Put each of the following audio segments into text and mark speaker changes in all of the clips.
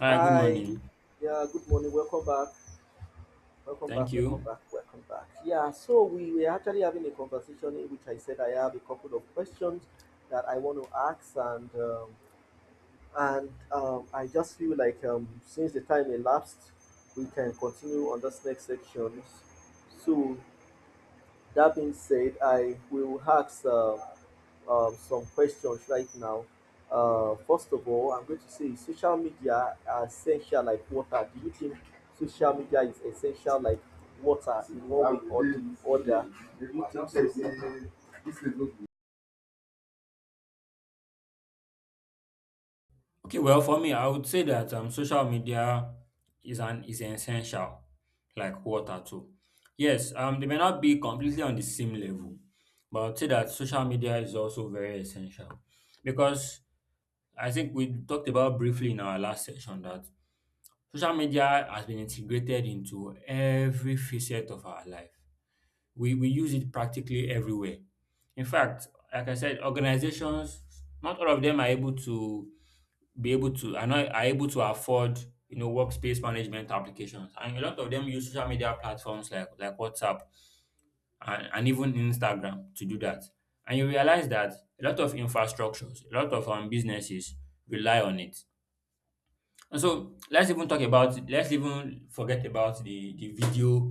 Speaker 1: Hi, good
Speaker 2: Hi.
Speaker 1: morning.
Speaker 2: Yeah, good morning. Welcome back. Welcome
Speaker 1: Thank
Speaker 2: back. Welcome
Speaker 1: you.
Speaker 2: back. Welcome back. Yeah, so we were actually having a conversation in which I said I have a couple of questions that I want to ask, and I just feel like since the time elapsed, we can continue on this next section. So that being said, I will ask some questions right now. First of all, I'm going to say is social media essential like water. Do you think social media is essential like water in one way or the other? Do you think so?
Speaker 1: Okay, well, for me, I would say that social media is essential, like water too. Yes, they may not be completely on the same level, but I would say that social media is also very essential because I think we talked about briefly in our last session that social media has been integrated into every facet of our life. We use it practically everywhere. In fact, like I said, organizations, not all of them are able to be able to are not are able to afford you know workspace management applications, and a lot of them use social media platforms like WhatsApp, and even Instagram to do that, and you realize that a lot of infrastructures, a lot of businesses rely on it. And so let's even forget about the video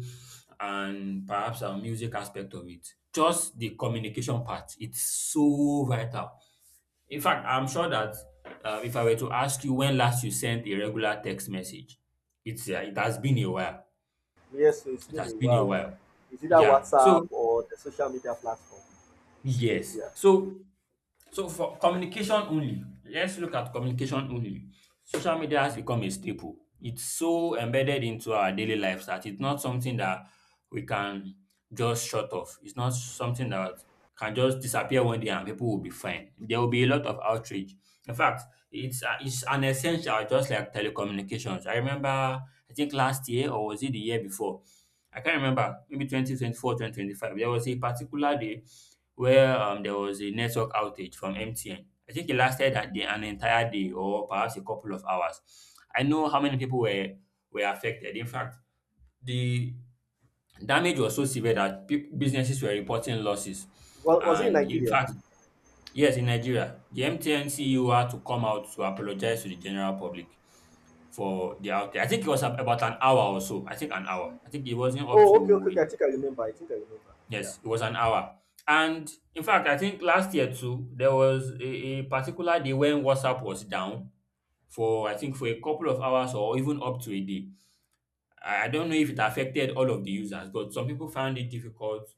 Speaker 1: and perhaps our music aspect of it. Just the communication part, it's so vital. In fact, I'm sure that if I were to ask you when last you sent a regular text message, it's it has been a while.
Speaker 2: Yes, so it's
Speaker 1: It
Speaker 2: been
Speaker 1: has
Speaker 2: a
Speaker 1: been a
Speaker 2: while.
Speaker 1: while.
Speaker 2: Is it that
Speaker 1: Yeah.
Speaker 2: WhatsApp or the social media platform space?
Speaker 1: Yes.
Speaker 2: Yeah.
Speaker 1: So So for communication only, let's look at communication only. Social media has become a staple. It's so embedded into our daily lives that it's not something that we can just shut off. It's not something that can just disappear one day and people will be fine. There will be a lot of outrage. In fact, it's an essential, just like telecommunications. I remember I think last year, or was it the year before? I can't remember, maybe 2024, 2025. There was a particular day where there was a network outage from MTN. I think it lasted a day, an entire day, or perhaps a couple of hours. I know how many people were affected. In fact, the damage was so severe that businesses were reporting losses.
Speaker 2: Well, was it in
Speaker 1: And in
Speaker 2: Nigeria?
Speaker 1: fact, yes, in Nigeria, the MTN CEO had to come out to apologize to the general public for the outage. I think it was about an hour or so. I think an hour. I think it wasn't up
Speaker 2: Oh, okay, okay,
Speaker 1: to.
Speaker 2: okay. I think I remember. I think I remember. Yeah.
Speaker 1: Yes, it was an hour. And in fact, I think last year too, there was a particular day when WhatsApp was down for I think for a couple of hours or even up to a day. I don't know if it affected all of the users, but some people found it difficult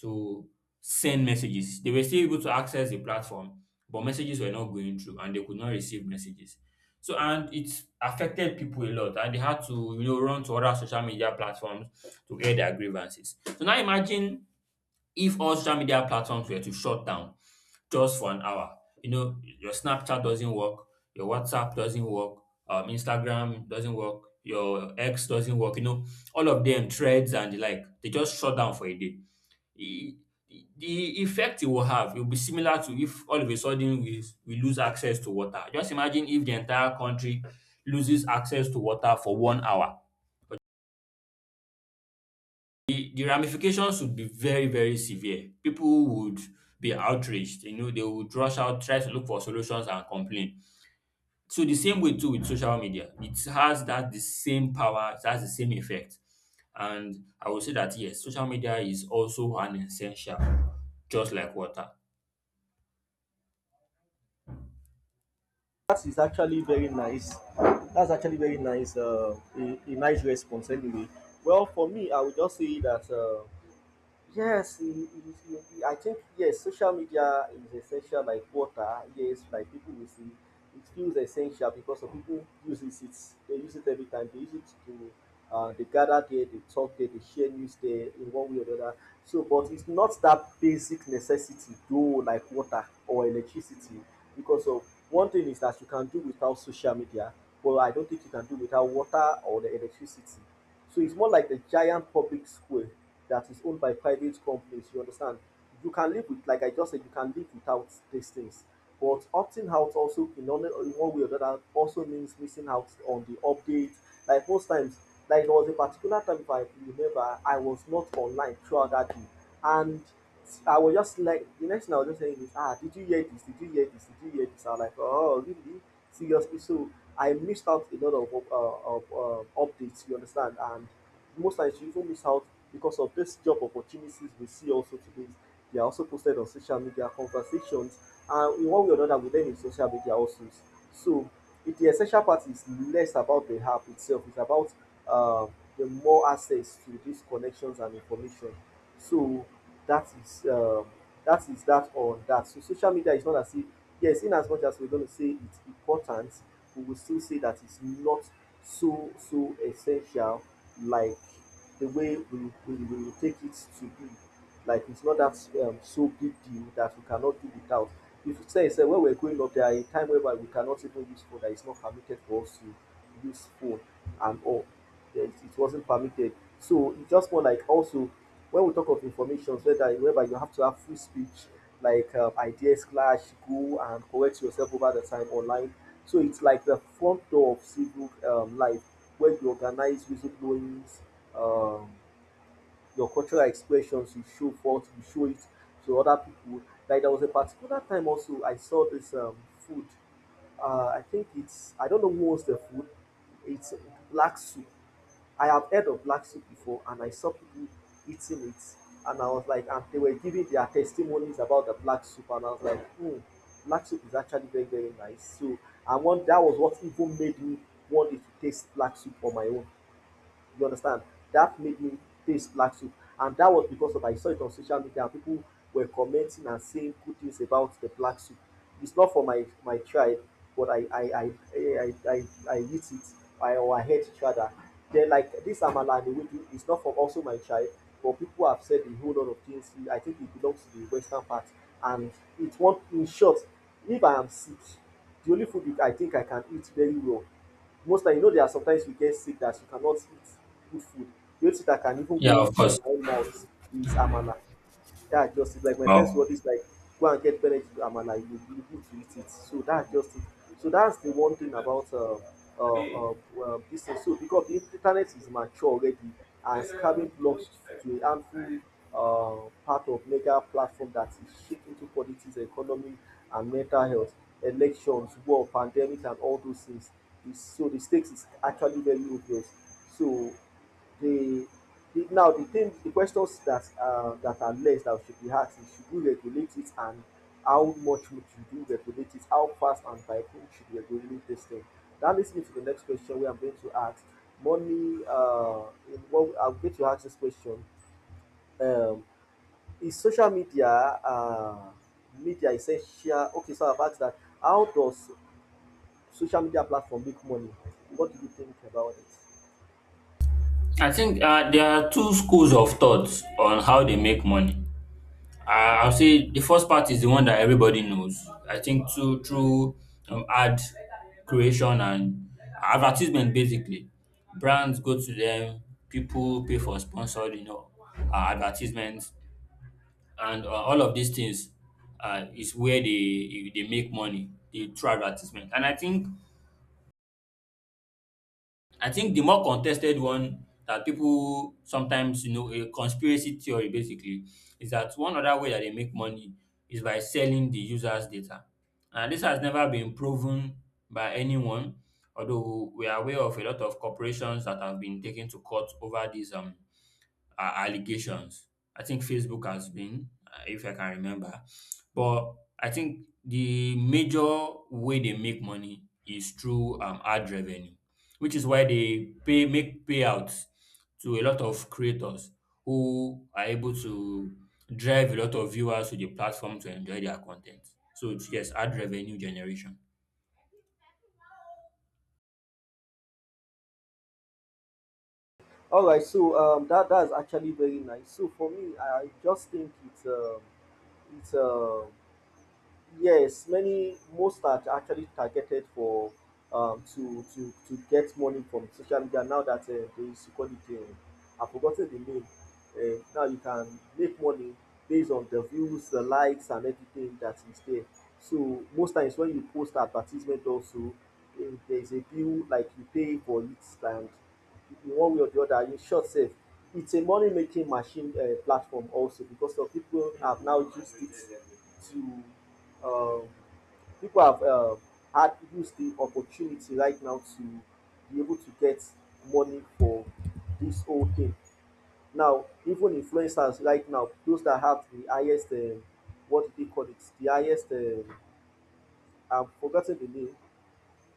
Speaker 1: to send messages. They were still able to access the platform, but messages were not going through and they could not receive messages. So, and it affected people a lot, and they had to you know run to other social media platforms to air their grievances. So now imagine if all social media platforms were to shut down just for an hour. You know, your Snapchat doesn't work, your WhatsApp doesn't work, Instagram doesn't work, your X doesn't work, you know, all of them, threads and the like, they just shut down for a day. E- The effect it will have will be similar to if all of a sudden we lose access to water. Just imagine if the entire country loses access to water for 1 hour. The ramifications would be very, very severe. People would be outraged. You know, they would rush out, try to look for solutions, and complain. So the same way too with social media. It has that the same power, it has the same effect. And I would say that yes, social media is also an essential, just like water.
Speaker 2: That is actually very nice. That's actually very nice. A nice response, anyway. Well, for me, I would just say that yes, it is, I think yes, social media is essential like water. Yes, like people will see, it feels essential because of people use it. It's, they use it every time. They use it to they gather there, they talk there, they share news there in one way or the other. So, but it's not that basic necessity though, like water or electricity, because of one thing is that you can do without social media, but I don't think you can do without water or the electricity. So it's more like a giant public square that is owned by private companies, you understand? You can live with, like I just said, you can live without these things. But opting out also, in one way or another, also means missing out on the update. Like most times, like there was a particular time, if I remember, I was not online throughout that day. And I was just like, the next thing I was just saying is, ah, did you hear this? Did you hear this? Did you hear this? I'm like, oh, really? Seriously? So I missed out a lot of, updates, you understand? And most times you even miss out because of this job opportunities we see also today. They are also posted on social media conversations, and in one way or another, we learn in social media also. So it, the essential part is less about the app itself; it's about uh, the more access to these connections and information. So that is that is that on that. So social media is not as if yes, in as much as we're going to say it's important, we will still say that it's not so so essential like the way we will take it to be. Like it's not that so big deal that we cannot do without. If you say, say when we're growing up, there are a time whereby we cannot even use phone. That it's not permitted for us to use phone and all. Yes, it wasn't permitted. So it's just more like also when we talk of information, whether you have to have free speech, like ideas clash, go and correct yourself over the time online. So it's like the front door of civil life, where you organize whistleblowings, um, your cultural expressions, you show forth, you show it to other people. Like there was a particular time also I saw this food. I think it's I don't know who was the food. It's black soup. I have heard of black soup before and I saw people eating it and I was like and they were giving their testimonies about the black soup and I was like hmm, black soup is actually very very nice. So I want that was what even made me want to taste black soup on my own. You understand? That made me taste black soup. And that was because of I saw it on social media and people were commenting and saying good things about the black soup. It's not for my tribe, but I eat it. I or I hate each other. Then like this amala and ewedu is not from also my tribe, but people have said a whole lot of things. I think it belongs to the western part, and it won't. In short, if I am sick, the only food I think I can eat very well most time you know there are sometimes you get sick that you cannot eat good food, the only thing that can even
Speaker 1: Yeah,
Speaker 2: go
Speaker 1: of
Speaker 2: in
Speaker 1: course.
Speaker 2: my own mouth is amala. That's just it. Like my friends will
Speaker 1: Wow.
Speaker 2: always like go and get belle to amala you go be able to eat it. So that's just it. So that's the one thing about uh, uh, this thing. So because the internet is mature already and scamming blocks to a harmful part of mega platform that is shaped into politics, economy, and mental health, elections, war, pandemic, and all those things. So the stakes is actually very obvious. So the, the now the thing, the questions that that are less that should be asked is: Should we regulate it, and how much would you do regulate it? How fast and by whom should we regulate this thing? That leads me to the next question where I'm going to ask: Money. What I'm going to ask this question: um, Is social media essential? Okay, so I've asked that how does social media platform make money. What do you think about it?
Speaker 1: I think there are two schools of thoughts on how they make money. Uh, I'll say the first part is the one that everybody knows. I think through ad creation and advertisement. Basically, brands go to them. People pay for sponsored, you know, advertisements, and all of these things is where they make money. They through advertisement. And I think the more contested one that people sometimes, you know, a conspiracy theory basically, is that one other way that they make money is by selling the user's data. And this has never been proven by anyone, although we are aware of a lot of corporations that have been taken to court over this allegations. I think Facebook has been, if I can remember. But I think the major way they make money is through ad revenue, which is why they pay make payouts to a lot of creators who are able to drive a lot of viewers to the platform to enjoy their content. So it's yes, ad revenue generation.
Speaker 2: All right, so that that's actually very nice. So for me, I just think it's yes, many most are actually targeted for to get money from social media. Now that there is equality, I've forgotten the name. Now you can make money based on the views, the likes, and everything that is there. So most times when you post advertisement, also if there is a bill like you pay for it, and in one way or the other, in short, safe. It's a money making machine platform also because of people have now used it to um, people have had used the opportunity right now to be able to get money for this whole thing. Now, even influencers right now, those that have the highest, what do they call it? The highest, I've forgotten the name,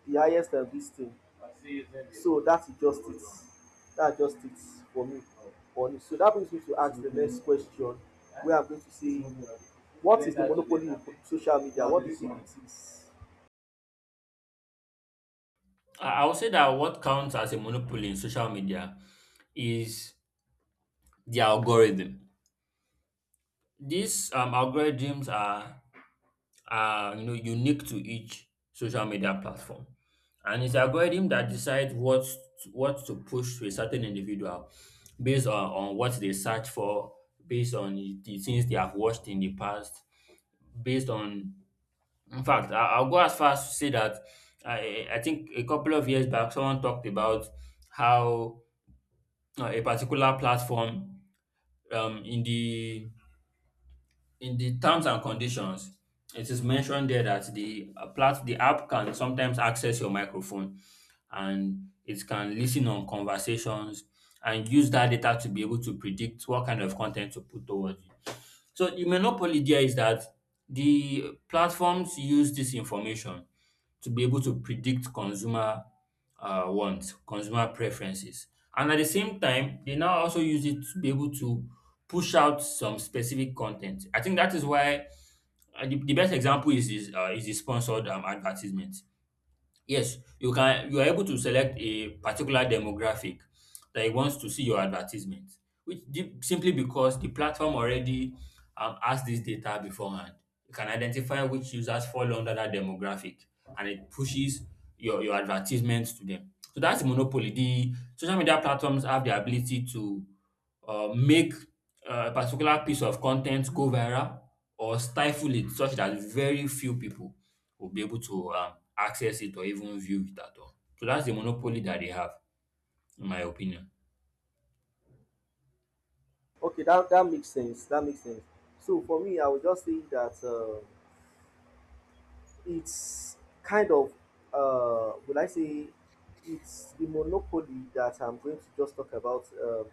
Speaker 2: the highest this thing. So that's just it. That's just it for me. On it. So that brings me to ask the next question, where I'm going to say, what is the monopoly of social media? What do you think it is?
Speaker 1: I would say that what counts as a monopoly in social media is the algorithm. These algorithms are you know unique to each social media platform, and it's algorithm that decides what to push to a certain individual based on what they search for, based on the things they have watched in the past, based on. In fact, I'll go as far as to say that I think a couple of years back, someone talked about how a particular platform um, in the in the terms and conditions, it is mentioned there that the the app can sometimes access your microphone and it can listen on conversations and use that data to be able to predict what kind of content to put towards you. So the monopoly there is that the platforms use this information to be able to predict consumer wants, consumer preferences. And at the same time, they now also use it to be able to push out some specific content. I think that is why the best example is the sponsored advertisement. Yes, you are able to select a particular demographic that it wants to see your advertisement, which simply because the platform already has this data beforehand. It can identify which users fall under that demographic and it pushes your advertisements to them. So that's monopoly. The social media platforms have the ability to make a particular piece of content go viral or stifle it such that very few people will be able to access it or even view it at all. So that's the monopoly that they have, in my opinion.
Speaker 2: Okay, that that makes sense. That makes sense. So for me, I would just say that it's kind of, would I say, it's the monopoly that I'm going to just talk about.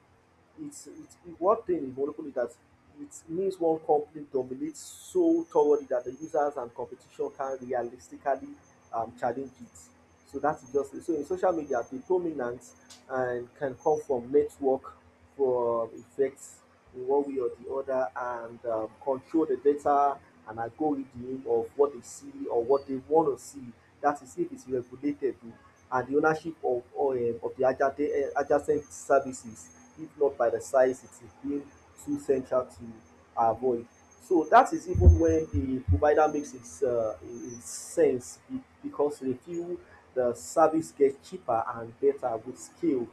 Speaker 2: It's one thing in monopoly that it means one company dominates so thoroughly that the users and competition can realistically challenge it. So that's just it. So in social media, the dominance and can come from network, for effects in one way or the other, and control the data and algorithm of what they see or what they want to see. That is if it's regulated and the ownership of or, of the adjacent, eh, adjacent services, if not by the size it is being too central to avoid. So that is even when the provider makes its sense because they feel the service gets cheaper and better with scale.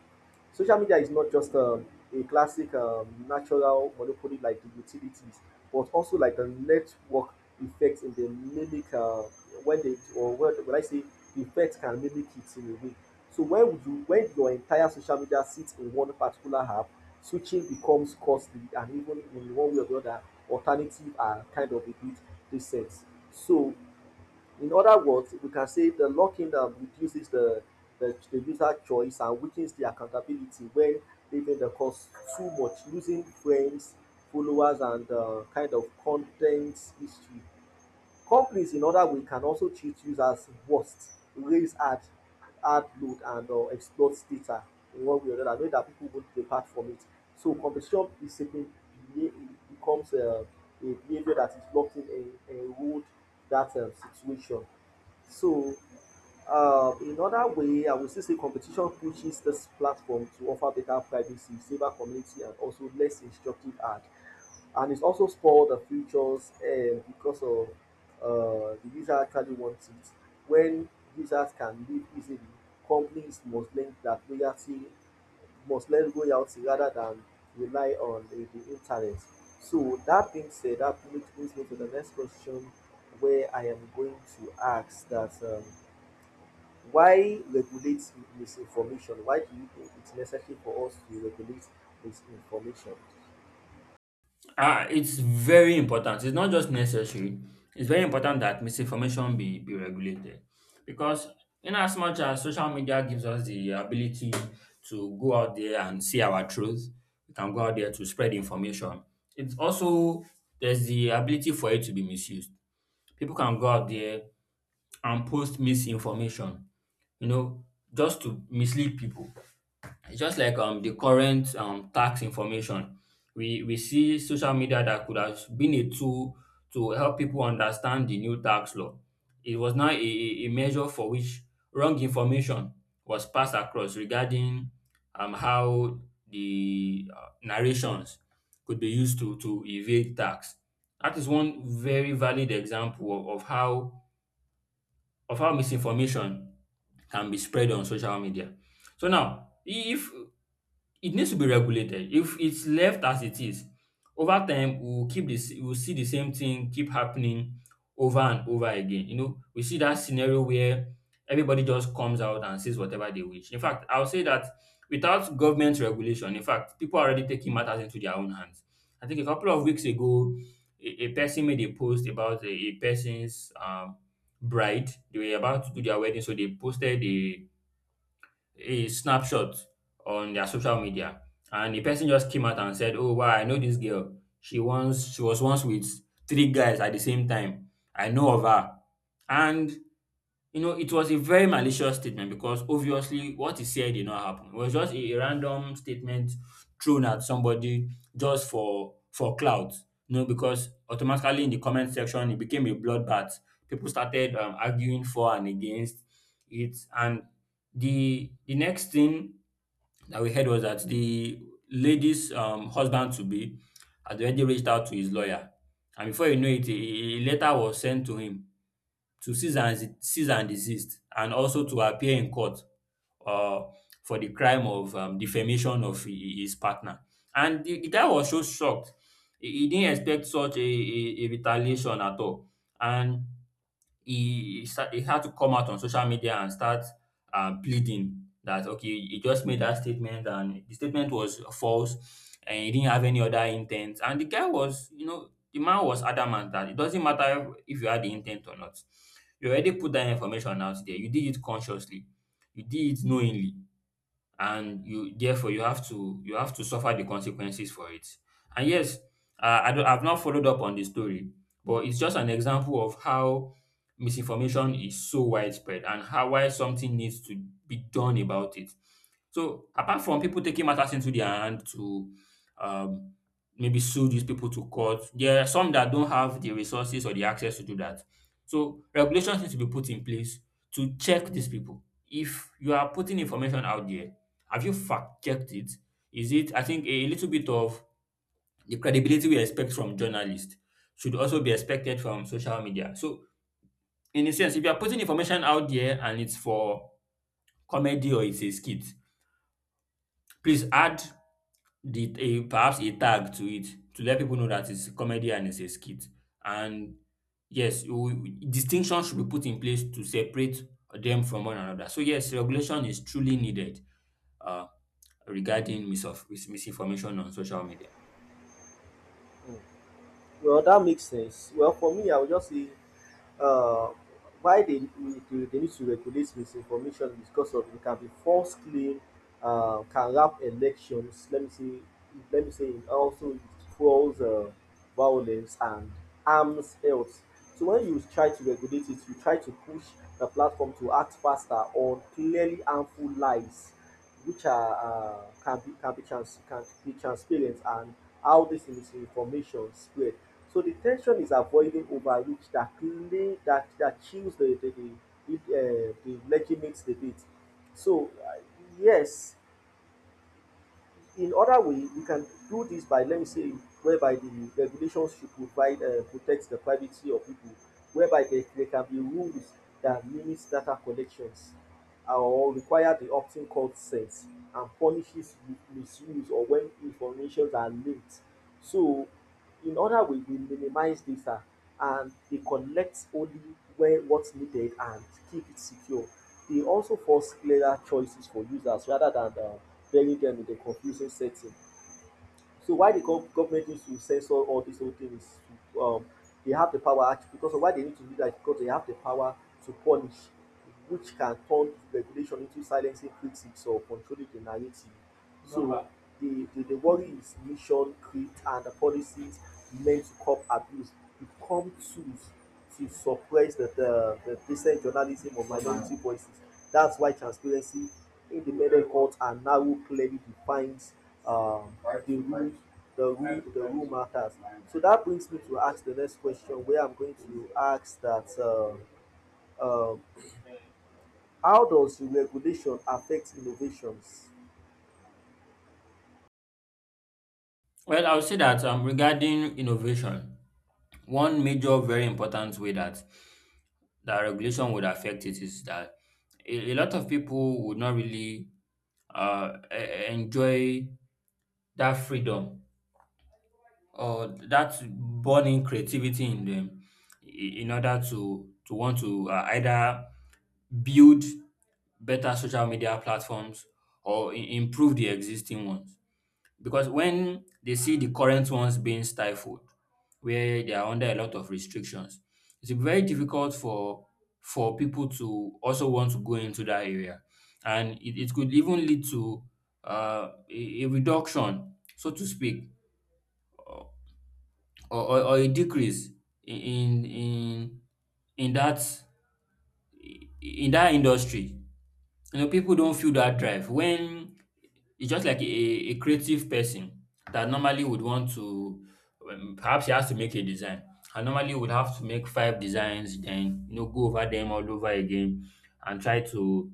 Speaker 2: Social media is not just a classic natural monopoly like the utilities, but also like a network effect in the mimic when they or when I say effect can mimic it in a way. So when would you when your entire social media sits in one particular app, switching becomes costly and even in one way or the other, alternative are kind of a bit decent. So in other words, we can say the locking down reduces the user choice and weakens the accountability when leaving the course too much, losing friends, followers, and kind of content history. Companies, in other way, can also treat users worst, raise ad load, and exploit data in one way or another, knowing that people won't depart from it. So competition is simply beha- becomes a behavior that is locked in a erode that situation. So in other way, I would still say competition pushes this platform to offer better privacy, safer community, and also less instructive ad, and it's also spoiled the futures because of the user actually wants it. When users can live easily, companies must link that loyalty, must lend loyalty rather than rely on the internet. So that being said, that brings me to the next question where I am going to ask that why regulate misinformation? Why do you think it's necessary for us to regulate misinformation?
Speaker 1: Ah, it's very important. It's not just necessary. It's very important that misinformation be regulated, because in as much as social media gives us the ability to go out there and see our truth, we can go out there to spread information. It's also there's the ability for it to be misused. People can go out there and post misinformation, you know, just to mislead people. It's just like the current tax information. We see social media that could have been a tool to help people understand the new tax law. It was now a measure for which wrong information was passed across regarding how the narrations could be used to evade tax. That is one very valid example of how misinformation can be spread on social media. So now, if it needs to be regulated. If it's left as it is, over time we will keep this. We will see the same thing keep happening over and over again. You know, we see that scenario where everybody just comes out and says whatever they wish. In fact, I'll say that without government regulation, in fact, people are already taking matters into their own hands. I think a couple of weeks ago, a person made a post about a person's bride. They were about to do their wedding, so they posted a snapshot on their social media, and the person just came out and said, "Oh wow, I know this girl. She was once with three guys at the same time. I know of her." And you know, it was a very malicious statement because obviously what he said did not happen. It was just a random statement thrown at somebody just for clout. You know, because automatically in the comment section it became a bloodbath. People started arguing for and against it, and the next thing that we heard was that the lady's husband to be had already reached out to his lawyer, and before you know it, a letter was sent to him to cease and desist and also to appear in court uh, for the crime of defamation of his partner. And the guy was so shocked. He didn't expect such a retaliation at all. And he had to come out on social media and start pleading that, okay, he just made that statement and the statement was false and he didn't have any other intent. And the guy was, the man was adamant that it doesn't matter if you had the intent or not. You already put that information out there. You did it consciously, you did it knowingly, and you therefore you have to suffer the consequences for it. And yes, I've not followed up on the story, but it's just an example of how misinformation is so widespread and how why something needs to be done about it. So apart from people taking matters into their hand to um, maybe sue these people to court, there are some that don't have the resources or the access to do that. So regulations need to be put in place to check these people. If you are putting information out there, have you fact checked it? Is it, I think, a little bit of the credibility we expect from journalists should also be expected from social media. So, in a sense, if you are putting information out there and it's for comedy or it's a skit, please add the a perhaps a tag to it to let people know that it's a comedy and it's a skit. And yes, you distinction should be put in place to separate them from one another. So yes, regulation is truly needed, uh, regarding misinformation on social media.
Speaker 2: Mm. Well, that makes sense. Well, for me, I would just say uh, why they need to regulate misinformation is because of it can be false claim, can wrap elections. Let me say, it also it fuels violence and harms health. So when you try to regulate it, you try to push the platform to act faster on clearly harmful lies which are can be transparent and how this misinformation spread. So the tension is avoiding overreach that that chills the the legitimate debate. So yes, in other way, we can do this by, let me say, whereby the regulations should provide, protect the privacy of people, whereby there can be rules that limits data collections or require the opt-in consent and punishes misuse or when informations are leaked. So in other ways, we minimize data and they collect only when what's needed and keep it secure. They also force clearer choices for users rather than burying them in a confusing setting. So why the government needs to censor all these whole things? Um, they have the because of why they need to do that because they have the power to punish, which can turn regulation into silencing critics or controlling the narrative. So the worry is mission, creed, and the policies meant to curb abuse become tools to suppress the decent journalism of minority voices. That's why transparency, independent court, and narrow clearly defines um, the rule the rule matters. So that brings me to ask the next question, where I'm going to ask that uh, how does regulation affect innovations?
Speaker 1: Well, I would say that, regarding innovation, one major very important way that regulation would affect it is that a lot of people would not really enjoy that freedom or that burning creativity in them, in order to want to, either build better social media platforms or improve the existing ones, because when they see the current ones being stifled, where they are under a lot of restrictions, it's very difficult for people to also want to go into that area. And it could even lead to, a reduction, so to speak, or a decrease in in in that industry. You know, people don't feel that drive. When it's just like a creative person that normally would want to, perhaps he has to make a design, and normally would have to make five designs, then you know, go over them all over again and try to,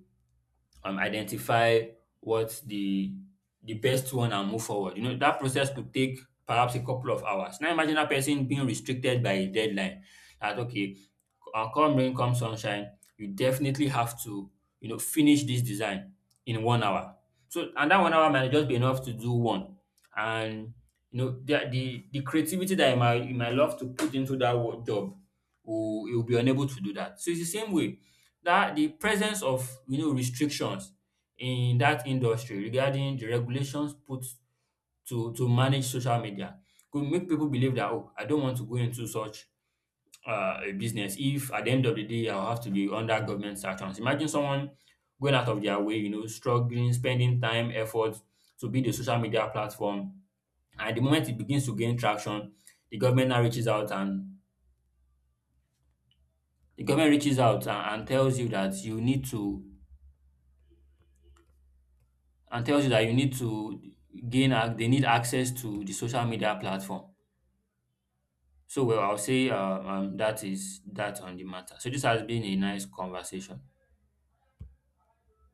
Speaker 1: identify what's the best one and move forward. You know, that process could take perhaps a couple of hours. Now imagine that person being restricted by a deadline. That okay, come rain, come sunshine, you definitely have to, you know, finish this design in 1 hour. So, and that 1 hour might just be enough to do one. And you know, the creativity that you might love to put into that job, will you'll be unable to do that. So it's the same way that the presence of, you know, restrictions in that industry, regarding the regulations put to manage social media, could make people believe that, oh, I don't want to go into such, a business, if at the end of the day I'll have to be under government sanctions. Imagine someone going out of their way, you know, struggling, spending time, effort to build a social media platform. And the moment it begins to gain traction, the government now reaches out and the government reaches out and tells you that you need to and tells you that you need to they need access to the social media platform. So well, I'll say, that is that on the matter. So this has been a nice conversation.